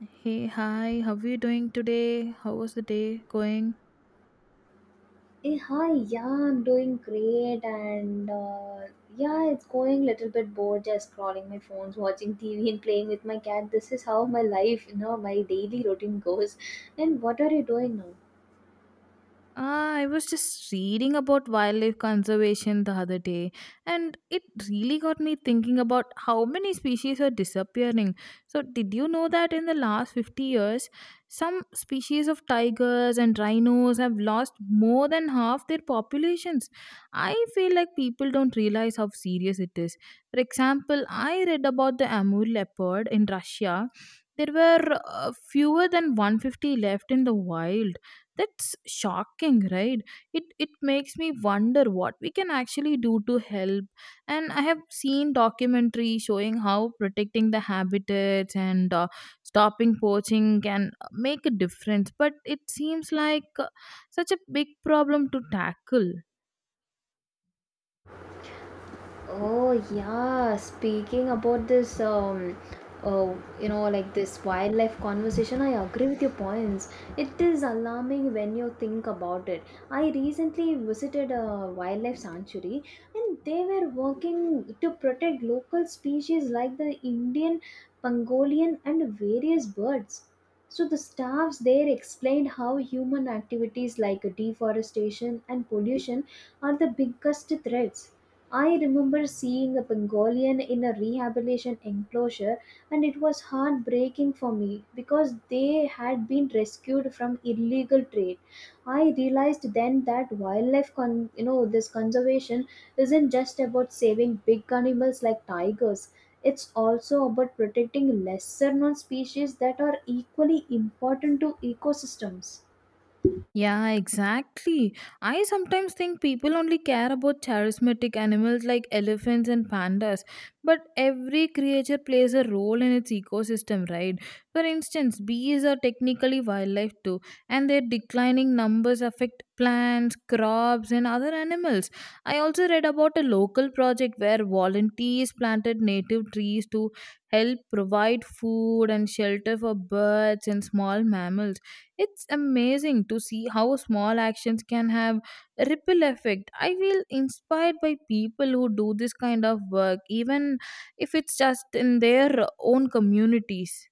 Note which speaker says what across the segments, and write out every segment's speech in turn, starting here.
Speaker 1: Hey, hi, how are you doing today? How was the day going?
Speaker 2: Hey, hi, yeah, I'm doing great, and yeah, it's going little bit bored, just scrolling my phones, watching TV, and playing with my cat. This is how my life, you know, my daily routine goes. And what are you doing now?
Speaker 1: Ah, I was just reading about wildlife conservation the other day, and it really got me thinking about how many species are disappearing. So, did you know that in the last 50 years, some species of tigers and rhinos have lost more than half their populations? I feel like people don't realize how serious it is. For example, I read about the Amur leopard in Russia. There were fewer than 150 left in the wild. That's shocking, right? It makes me wonder what we can actually do to help. And I have seen documentary showing how protecting the habitats and stopping poaching can make a difference, but it seems like such a big problem to tackle.
Speaker 2: Oh yeah, speaking about this you know like this wildlife conversation, I agree with your points. It is alarming when you think about it. I recently visited a wildlife sanctuary, and they were working to protect local species like the Indian pangolin and various birds. So the staffs there explained how human activities like deforestation and pollution are the biggest threats. I remember seeing a Pangolian in a rehabilitation enclosure, and it was heartbreaking for me because they had been rescued from illegal trade. I realized then that wildlife, con- you know, this conservation isn't just about saving big animals like tigers. It's also about protecting lesser known species that are equally important to ecosystems.
Speaker 1: Yeah, exactly. I sometimes think people only care about charismatic animals like elephants and pandas, but every creature plays a role in its ecosystem, right? For instance, bees are technically wildlife too, and their declining numbers affect plants, crops, and other animals. I also read about a local project where volunteers planted native trees to help provide food and shelter for birds and small mammals. It's amazing to see how small actions can have a ripple effect. I feel inspired by people who do this kind of work even if it's just in their own communities.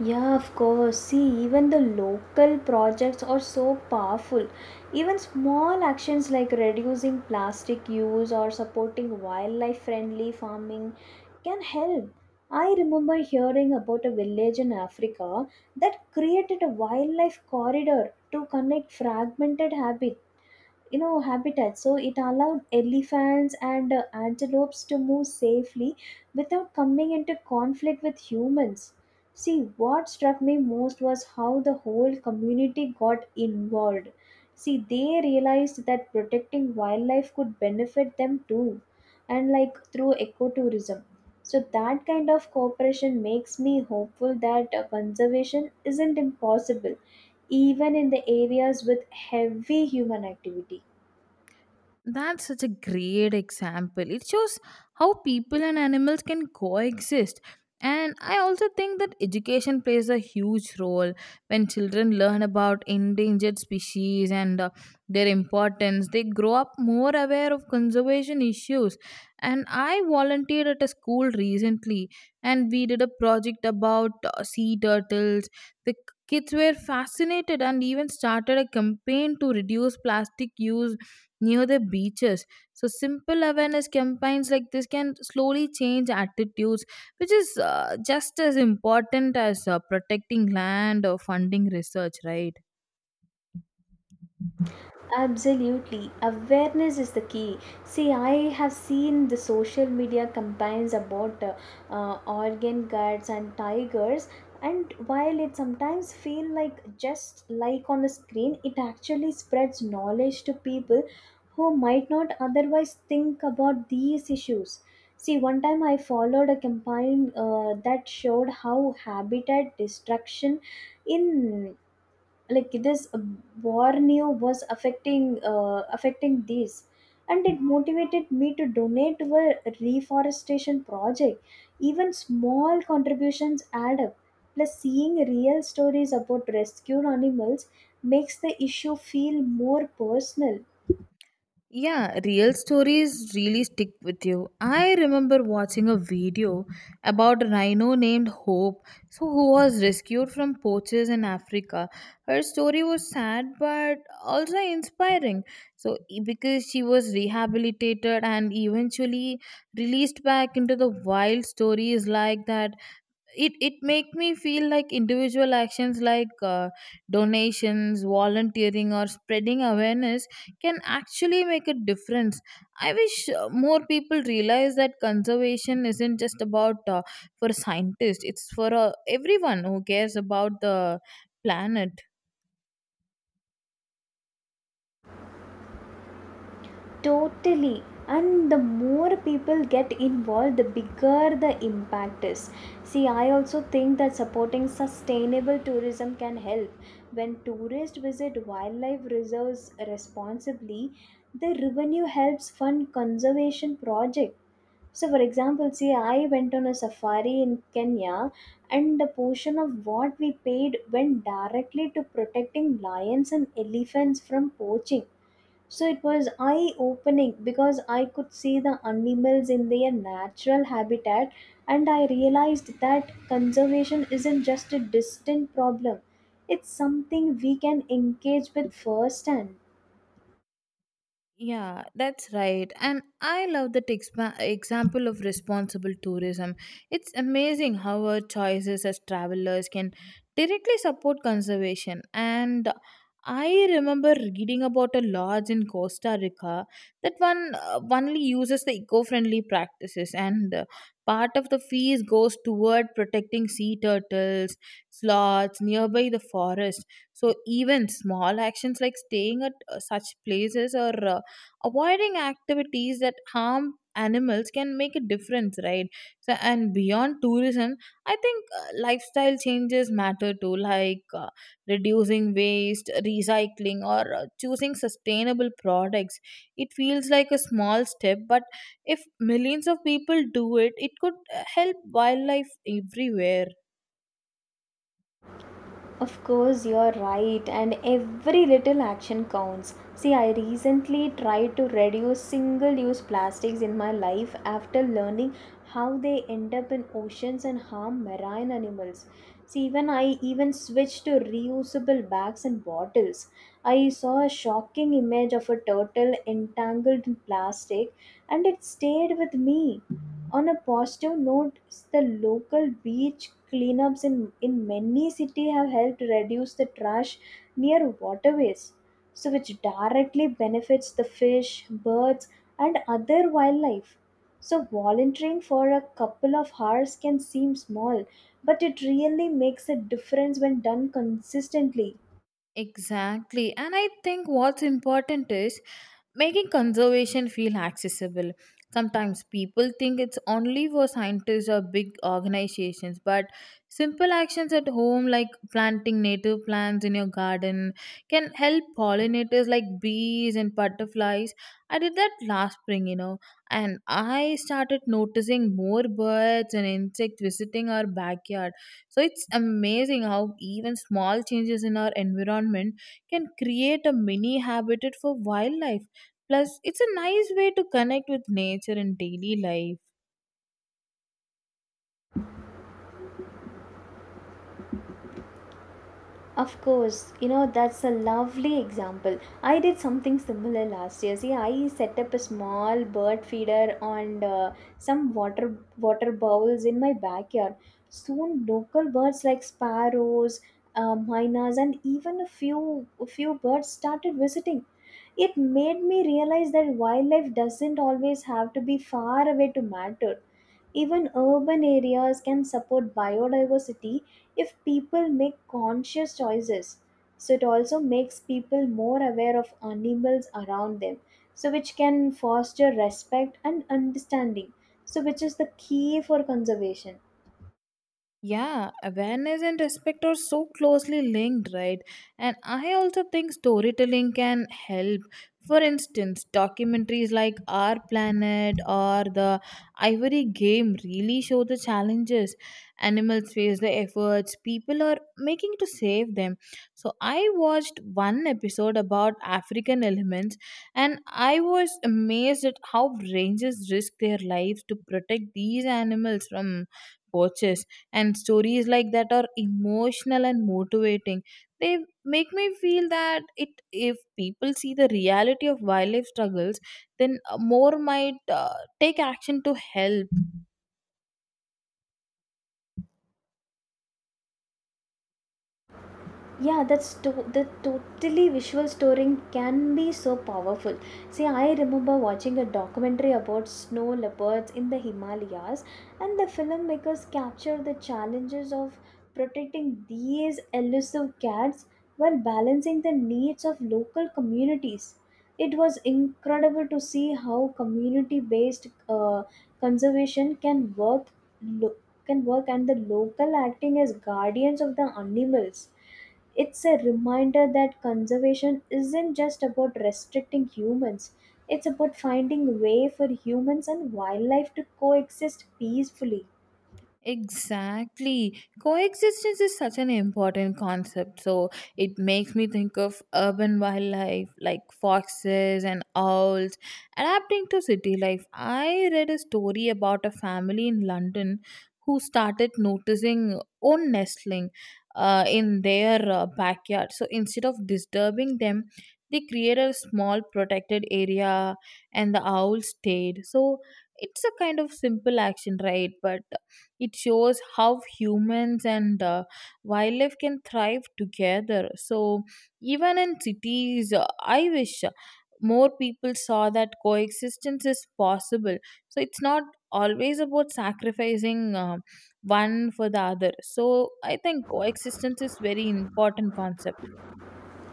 Speaker 2: Yeah, of course. See, even the local projects are so powerful. Even small actions like reducing plastic use or supporting wildlife friendly farming can help. I remember hearing about a village in Africa that created a wildlife corridor to connect fragmented habits you know habitat, so it allowed elephants and antelopes to move safely without coming into conflict with humans. See what struck me most was how the whole community got involved. See they realized that protecting wildlife could benefit them too, and like through ecotourism. So that kind of cooperation makes me hopeful that conservation isn't impossible, even in the areas with heavy human activity.
Speaker 1: That's such a great example. It shows how people and animals can coexist. And I also think that education plays a huge role when children learn about endangered species and their importance. They grow up more aware of conservation issues. And I volunteered at a school recently and we did a project about sea turtles. The kids were fascinated and even started a campaign to reduce plastic use near the beaches. So simple awareness campaigns like this can slowly change attitudes, which is just as important as protecting land or funding research, right?
Speaker 2: Absolutely. Awareness is the key. See, I have seen the social media campaigns about organ guards and tigers, and while it sometimes feel like just like on a screen, it actually spreads knowledge to people who might not otherwise think about these issues. See, one time I followed a campaign that showed how habitat destruction in like this war new was affecting these, and it motivated me to donate to a reforestation project. Even small contributions add up. Plus seeing real stories about rescued animals makes the issue feel more personal.
Speaker 1: Yeah, real stories really stick with you. I remember watching a video about a rhino named Hope, so who was rescued from poachers in Africa. Her story was sad but also inspiring. So because she was rehabilitated and eventually released back into the wild, stories like that it make me feel like individual actions like donations volunteering or spreading awareness can actually make a difference. I wish more people realize that conservation isn't just about for scientists, it's for everyone who cares about the planet.
Speaker 2: Totally. And the more people get involved, the bigger the impact is. See, I also think that supporting sustainable tourism can help. When tourists visit wildlife reserves responsibly, the revenue helps fund conservation projects. So, for example, see, I went on a safari in Kenya, and a portion of what we paid went directly to protecting lions and elephants from poaching. So it was eye opening because I could see the animals in their natural habitat, and I realized that conservation isn't just a distant problem. It's something we can engage with firsthand.
Speaker 1: Yeah, that's right. And I love that example of responsible tourism. It's amazing how our choices as travelers can directly support conservation. And I remember reading about a lodge in Costa Rica that one only uses the eco-friendly practices, and part of the fees goes toward protecting sea turtles, sloths nearby the forest. So even small actions like staying at such places or avoiding activities that harm animals can make a difference, right? So and beyond tourism, I think lifestyle changes matter too, like reducing waste recycling or choosing sustainable products. It feels like a small step, but if millions of people do it, it could help wildlife everywhere.
Speaker 2: Of course, you're right, and every little action counts. See, I recently tried to reduce single use plastics in my life after learning how they end up in oceans and harm marine animals. See, even I even switched to reusable bags and bottles. I saw a shocking image of a turtle entangled in plastic, and it stayed with me. On a positive note, the local beach cleanups in many cities have helped reduce the trash near waterways, so which directly benefits the fish, birds, and other wildlife. So volunteering for a couple of hours can seem small, but it really makes a difference when done consistently.
Speaker 1: Exactly. And I think what's important is making conservation feel accessible. Sometimes people think it's only for scientists or big organizations, but simple actions at home, like planting native plants in your garden, can help pollinators like bees and butterflies. I did that last spring, you know, and I started noticing more birds and insects visiting our backyard. So it's amazing how even small changes in our environment can create a mini habitat for wildlife. Plus, it's a nice way to connect with nature in daily life.
Speaker 2: Of course, you know, that's a lovely example. I did something similar last year. See, I set up a small bird feeder on some water bowls in my backyard. Soon, local birds like sparrows, mynas, and even a few birds started visiting. It made me realize that wildlife doesn't always have to be far away to matter. Even urban areas can support biodiversity if people make conscious choices. So it also makes people more aware of animals around them, so which can foster respect and understanding, so which is the key for conservation.
Speaker 1: Yeah, awareness and respect are so closely linked, right? And I also think storytelling can help. For instance, documentaries like Our Planet or The Ivory Game really show the challenges animals face, the efforts people are making to save them. So, I watched one episode about African elements and I was amazed at how rangers risk their lives to protect these animals from poachers. And stories like that are emotional and motivating. They make me feel that it if people see the reality of wildlife struggles, then more might take action to help.
Speaker 2: Yeah, that's to- the totally visual storing can be so powerful. See I remember watching a documentary about snow leopards in the Himalayas, and the filmmakers captured the challenges of protecting these elusive cats while balancing the needs of local communities. It was incredible to see how community based conservation can work. Lo- can work and the local acting as guardians of the animals. It's a reminder that conservation isn't just about restricting humans. It's about finding a way for humans and wildlife to coexist peacefully.
Speaker 1: Exactly. Coexistence is such an important concept. So it makes me think of urban wildlife like foxes and owls adapting to city life. I read a story about a family in London who started noticing own nestling in their backyard. So instead of disturbing them, they created a small protected area and the owl stayed. So it's a kind of simple action, right? But it shows how humans and wildlife can thrive together. So, even in cities, I wish more people saw that coexistence is possible. So, it's not always about sacrificing one for the other. So, I think coexistence is very important concept.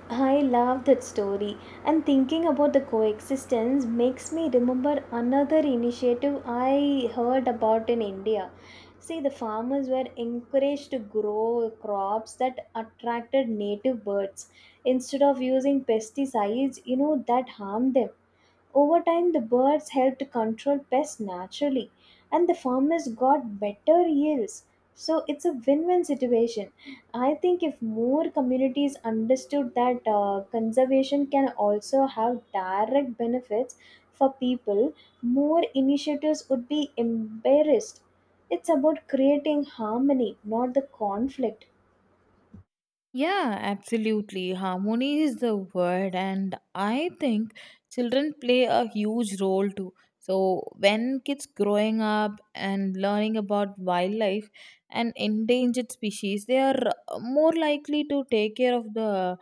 Speaker 2: I love that story, and thinking about the coexistence makes me remember another initiative I heard about in India. See, the farmers were encouraged to grow crops that attracted native birds instead of using pesticides, you know, that harm them. Over time, the birds helped control pests naturally, and the farmers got better yields. So it's a win-win situation. I think if more communities understood that conservation can also have direct benefits for people, more initiatives would be embarrassed. It's about creating harmony, not the conflict.
Speaker 1: Yeah, absolutely. Harmony is the word, and I think children play a huge role too. So, when kids growing up and learning about wildlife and endangered species, they are more likely to take care of the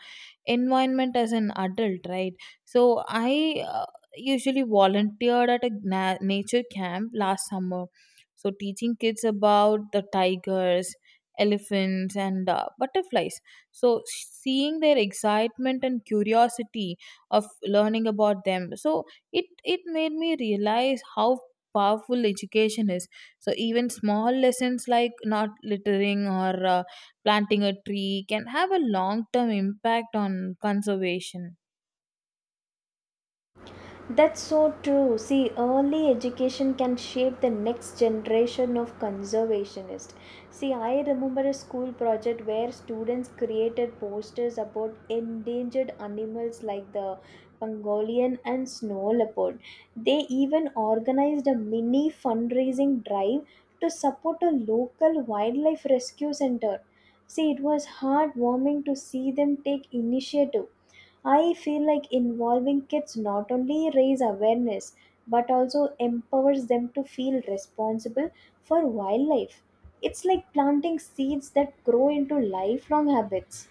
Speaker 1: environment as an adult, right? So, I usually volunteered at a nature camp last summer. So, teaching kids about the tigers, elephants, and butterflies, so seeing their excitement and curiosity of learning about them, so it made me realize how powerful education is. So even small lessons like not littering or planting a tree can have a long term impact on conservation.
Speaker 2: That's so true. See, early education can shape the next generation of conservationists. See, I remember a school project where students created posters about endangered animals like the Pangolin and snow leopard. They even organized a mini fundraising drive to support a local wildlife rescue center. See, it was heartwarming to see them take initiative. I feel like involving kids not only raise awareness but also empowers them to feel responsible for wildlife. It's like planting seeds that grow into lifelong habits.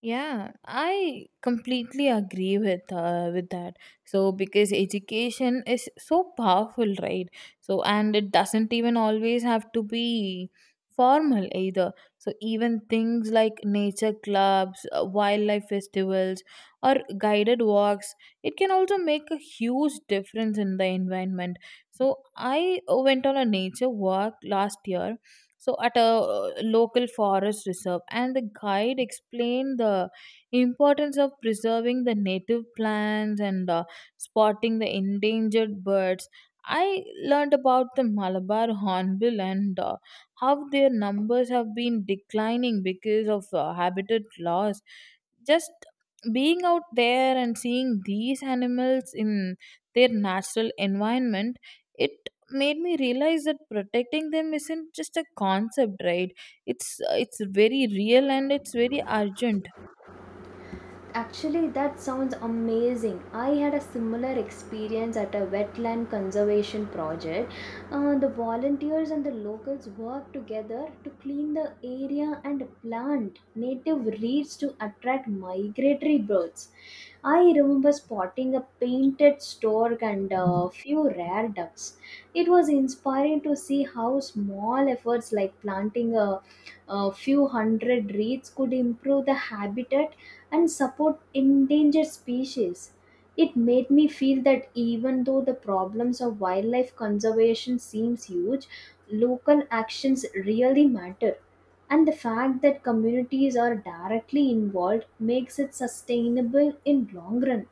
Speaker 1: Yeah, I completely agree with that. So because education is so powerful, right? So and it doesn't even always have to be formal either. So even things like nature clubs, wildlife festivals, or guided walks, it can also make a huge difference in the environment. So I went on a nature walk last year so at a local forest reserve and the guide explained the importance of preserving the native plants and spotting the endangered birds. I learned about the Malabar hornbill and how their numbers have been declining because of habitat loss. Just being out there and seeing these animals in their natural environment, it made me realize that protecting them isn't just a concept, right? It's very real and it's very urgent.
Speaker 2: Actually, that sounds amazing. I had a similar experience at a wetland conservation project. The volunteers and the locals worked together to clean the area and plant native reeds to attract migratory birds. I remember spotting a painted stork and a few rare ducks. It was inspiring to see how small efforts like planting a few hundred reeds could improve the habitat and support endangered species. It made me feel that even though the problems of wildlife conservation seems huge, local actions really matter. And the fact that communities are directly involved makes it sustainable in long run.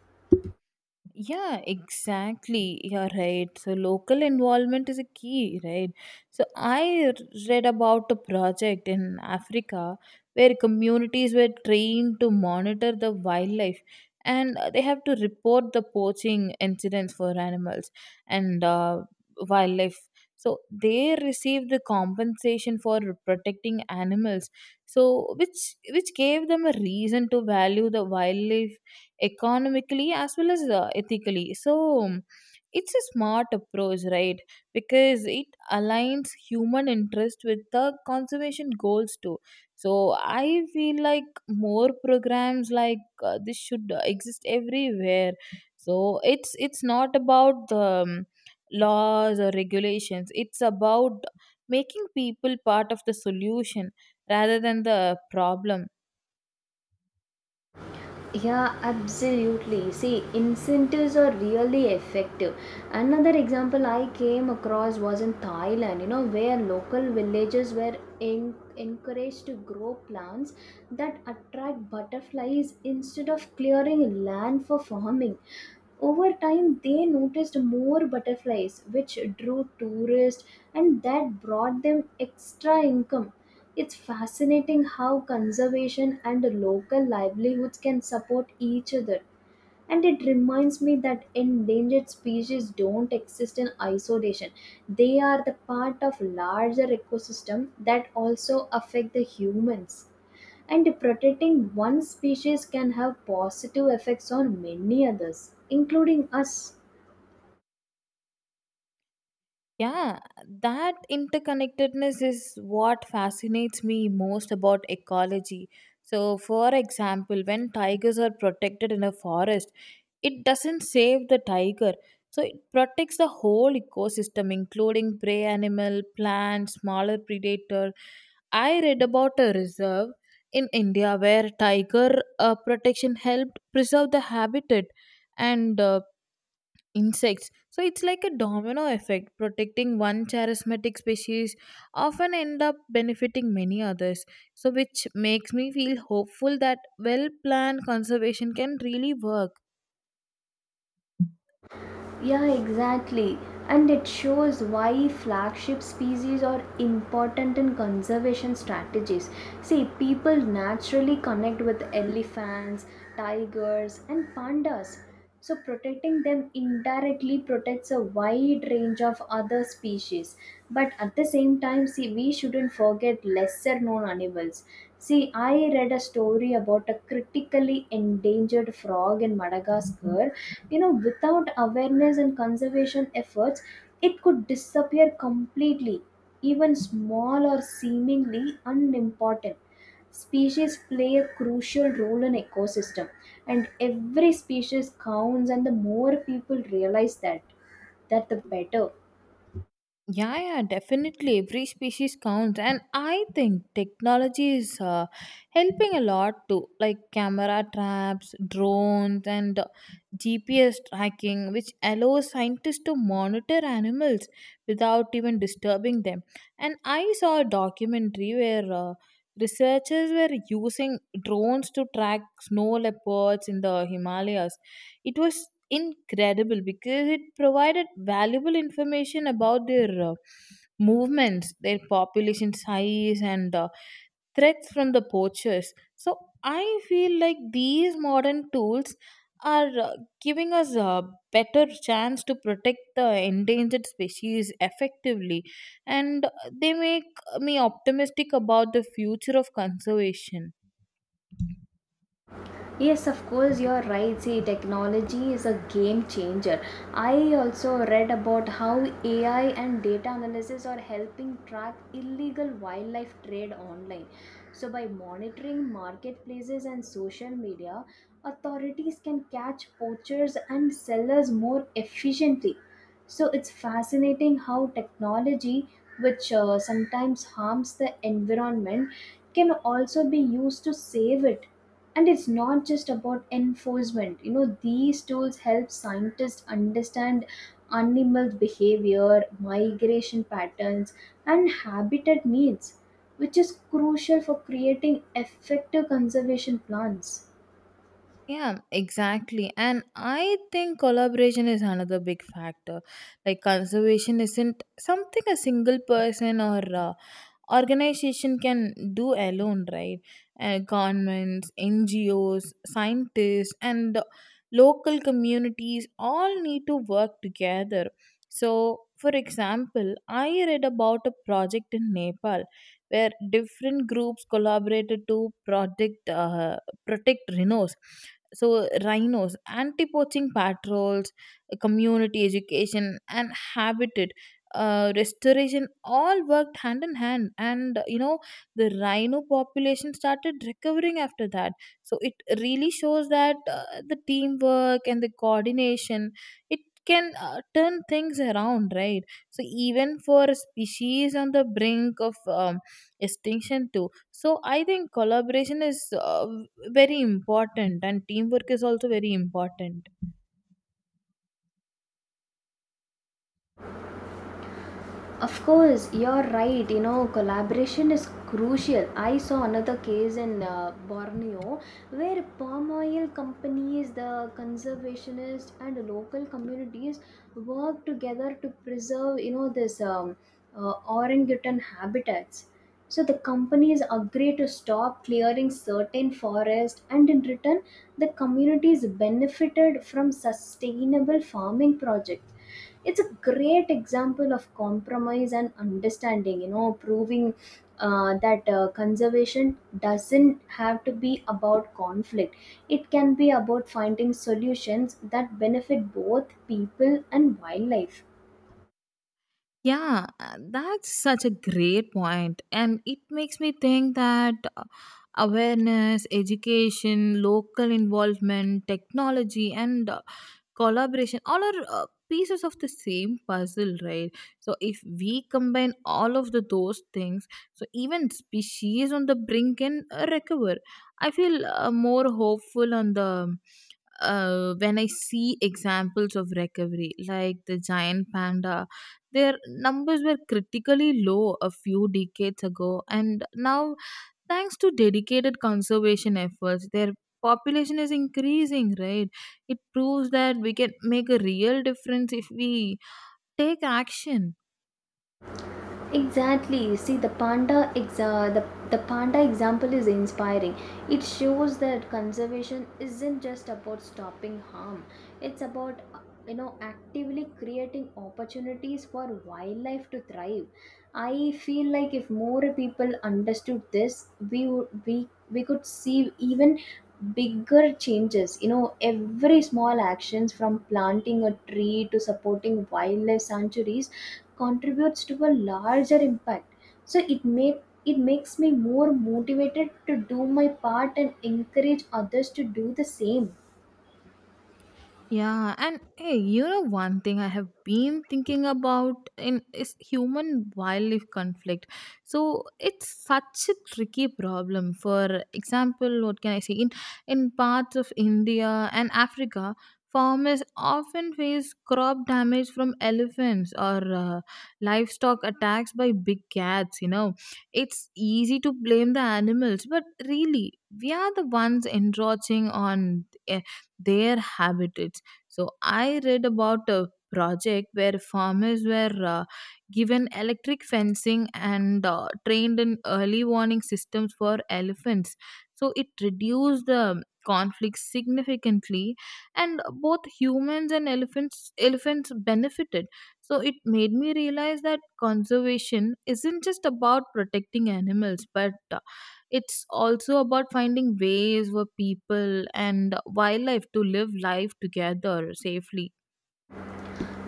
Speaker 1: Yeah, exactly. You're right. So, local involvement is a key, right? So, read about a project in Africa where communities were trained to monitor the wildlife and they have to report the poaching incidents for animals and wildlife. So, they receive the compensation for protecting animals. So, which gave them a reason to value the wildlife economically as well as ethically. So it's a smart approach, right? Because it aligns human interest with the conservation goals too. So I feel like more programs like this should exist everywhere. So it's not about the laws or regulations, it's about making people part of the solution rather than the problem.
Speaker 2: Yeah, absolutely. See, incentives are really effective. Another example I came across was in Thailand, you know, where local villagers were encouraged to grow plants that attract butterflies instead of clearing land for farming. Over time, they noticed more butterflies, which drew tourists, and that brought them extra income. It's fascinating how conservation and local livelihoods can support each other. And it reminds me that endangered species don't exist in isolation. They are the part of larger ecosystem that also affect the humans. And protecting one species can have positive effects on many others, including us.
Speaker 1: Yeah, that interconnectedness is what fascinates me most about ecology. So, for example, when tigers are protected in a forest, it doesn't save the tiger. So, it protects the whole ecosystem, including prey animal, plants, smaller predator. I read about a reserve in India where tiger protection helped preserve the habitat and insects. So it's like a domino effect. Protecting one charismatic species often end up benefiting many others. So which makes me feel hopeful that well planned conservation can really work.
Speaker 2: Yeah, exactly. And it shows why flagship species are important in conservation strategies. See, people naturally connect with elephants, tigers, and pandas. So, protecting them indirectly protects a wide range of other species. But at the same time, see, we shouldn't forget lesser known animals. See, I read a story about a critically endangered frog in Madagascar. You know, without awareness and conservation efforts, it could disappear completely, even small or seemingly unimportant. Species play a crucial role in ecosystem, and every species counts, and the more people realize that, the better.
Speaker 1: Yeah, yeah, definitely. Every species counts, and I think technology is helping a lot too, like camera traps, drones, and GPS tracking, which allows scientists to monitor animals without even disturbing them. And I saw a documentary where researchers were using drones to track snow leopards in the Himalayas. It was incredible because it provided valuable information about their movements, their population size, and threats from the poachers. So I feel like these modern tools are giving us a better chance to protect the endangered species effectively, and they make me optimistic about the future of conservation.
Speaker 2: Yes, of course, you're right. See, technology is a game changer. I also read about how AI and data analysis are helping track illegal wildlife trade online. So, by monitoring marketplaces and social media, authorities can catch poachers and sellers more efficiently. So, it's fascinating how technology, which sometimes harms the environment, can also be used to save it. And it's not just about enforcement, you know, these tools help scientists understand animals behavior, migration patterns, and habitat needs, which is crucial for creating effective conservation plans.
Speaker 1: Yeah, exactly. And I think collaboration is another big factor. Like, conservation isn't something a single person or organization can do alone, right? Governments, NGOs, scientists, and the local communities all need to work together. So for example, I read about a project in Nepal where different groups collaborated to protect uh, protect rhinos. So rhinos, anti poaching patrols, community education, and habitat restoration all worked hand in hand, and you know the rhino population started recovering after that. So it really shows that the teamwork and the coordination, it can turn things around, right? So even for a species on the brink of extinction too. So I think collaboration is very important and teamwork is also very important.
Speaker 2: Of course, you're right. You know, collaboration is crucial. I saw another case in Borneo, where palm oil companies, the conservationists, and local communities work together to preserve, you know, this orangutan habitats. So the companies agree to stop clearing certain forest, and in return, the communities benefited from sustainable farming projects. It's a great example of compromise and understanding, you know, proving that conservation doesn't have to be about conflict. It can be about finding solutions that benefit both people and wildlife.
Speaker 1: Yeah, that's such a great point, and it makes me think that awareness, education, local involvement, technology, and collaboration all are pieces of the same puzzle, right? So, if we combine all of the, those things, so even species on the brink can recover. I feel more hopeful on the when I see examples of recovery, like the giant panda, their numbers were critically low a few decades ago, and now, thanks to dedicated conservation efforts, their population is increasing, right? It proves that we can make a real difference if we take action.
Speaker 2: Exactly. See, the panda example is inspiring. It shows that conservation isn't just about stopping harm. It's about, you know, actively creating opportunities for wildlife to thrive. I feel like if more people understood this, we would we could see even bigger changes. You know every small actions from planting a tree to supporting wildlife sanctuaries contributes to a larger impact. So it makes me more motivated to do my part and encourage others to do the same.
Speaker 1: Yeah, and hey, you know one thing I have been thinking about in is human wildlife conflict. So it's such a tricky problem. For example, what can I say? In parts of India and Africa, farmers often face crop damage from elephants or livestock attacks by big cats. You know, it's easy to blame the animals, but really, we are the ones encroaching on their habitats. So I read about a project where farmers were given electric fencing and trained in early warning systems for elephants. So it reduced the conflict significantly and both humans and elephants benefited. So it made me realize that conservation isn't just about protecting animals, but it's also about finding ways for people and wildlife to live life together safely.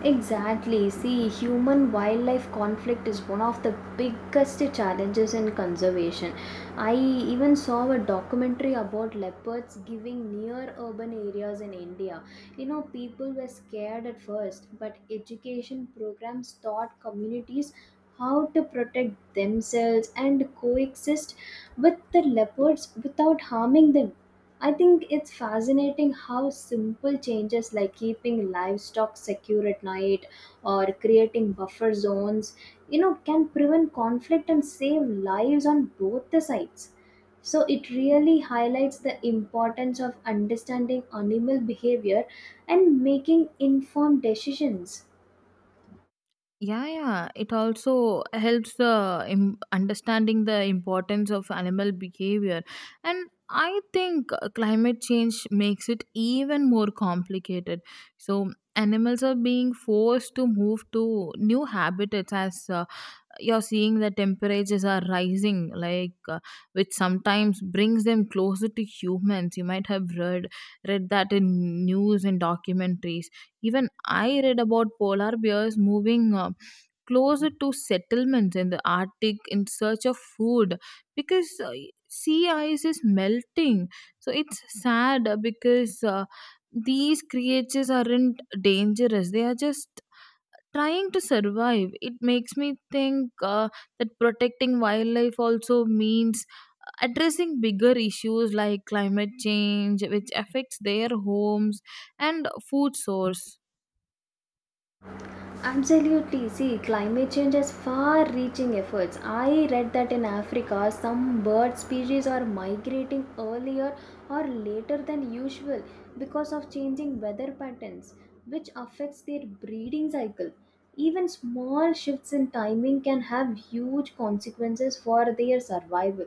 Speaker 2: Exactly. See, human wildlife conflict is one of the biggest challenges in conservation. I even saw a documentary about leopards giving near urban areas in India. You know, people were scared at first, but education programs taught communities how to protect themselves and coexist with the leopards without harming them. I think it's fascinating how simple changes like keeping livestock secure at night or creating buffer zones, you know, can prevent conflict and save lives on both the sides. So it really highlights the importance of understanding animal behavior and making informed decisions.
Speaker 1: Yeah, yeah. It also helps the understanding the importance of animal behavior, and I think climate change makes it even more complicated. So animals are being forced to move to new habitats as you're seeing the temperatures are rising, like which sometimes brings them closer to humans. You might have read that in news and documentaries. Even I read about polar bears moving closer to settlements in the Arctic in search of food because sea ice is melting. So it's sad because these creatures aren't dangerous, they are just trying to survive. It makes me think that protecting wildlife also means addressing bigger issues like climate change which affects their homes and food source.
Speaker 2: Absolutely. See, climate change has far reaching efforts. I read that in Africa, some bird species are migrating earlier or later than usual because of changing weather patterns, which affects their breeding cycle. Even small shifts in timing can have huge consequences for their survival.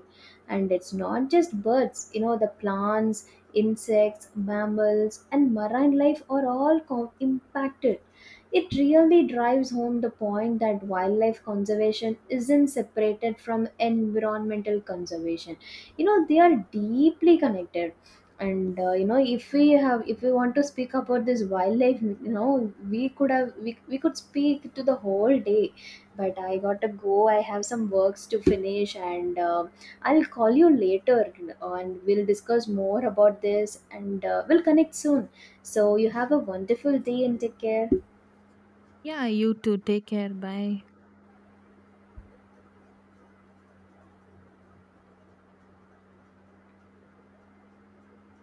Speaker 2: And it's not just birds, you know, the plants, insects, mammals, and marine life are all impacted. It really drives home the point that wildlife conservation isn't separated from environmental conservation. You know, they are deeply connected. And you know, if we want to speak about this wildlife, you know, we could speak to the whole day, but I gotta go. I have some works to finish, and I'll call you later, and we'll discuss more about this, and we'll connect soon. So you have a wonderful day and take care.
Speaker 1: Yeah, you too, take care, bye.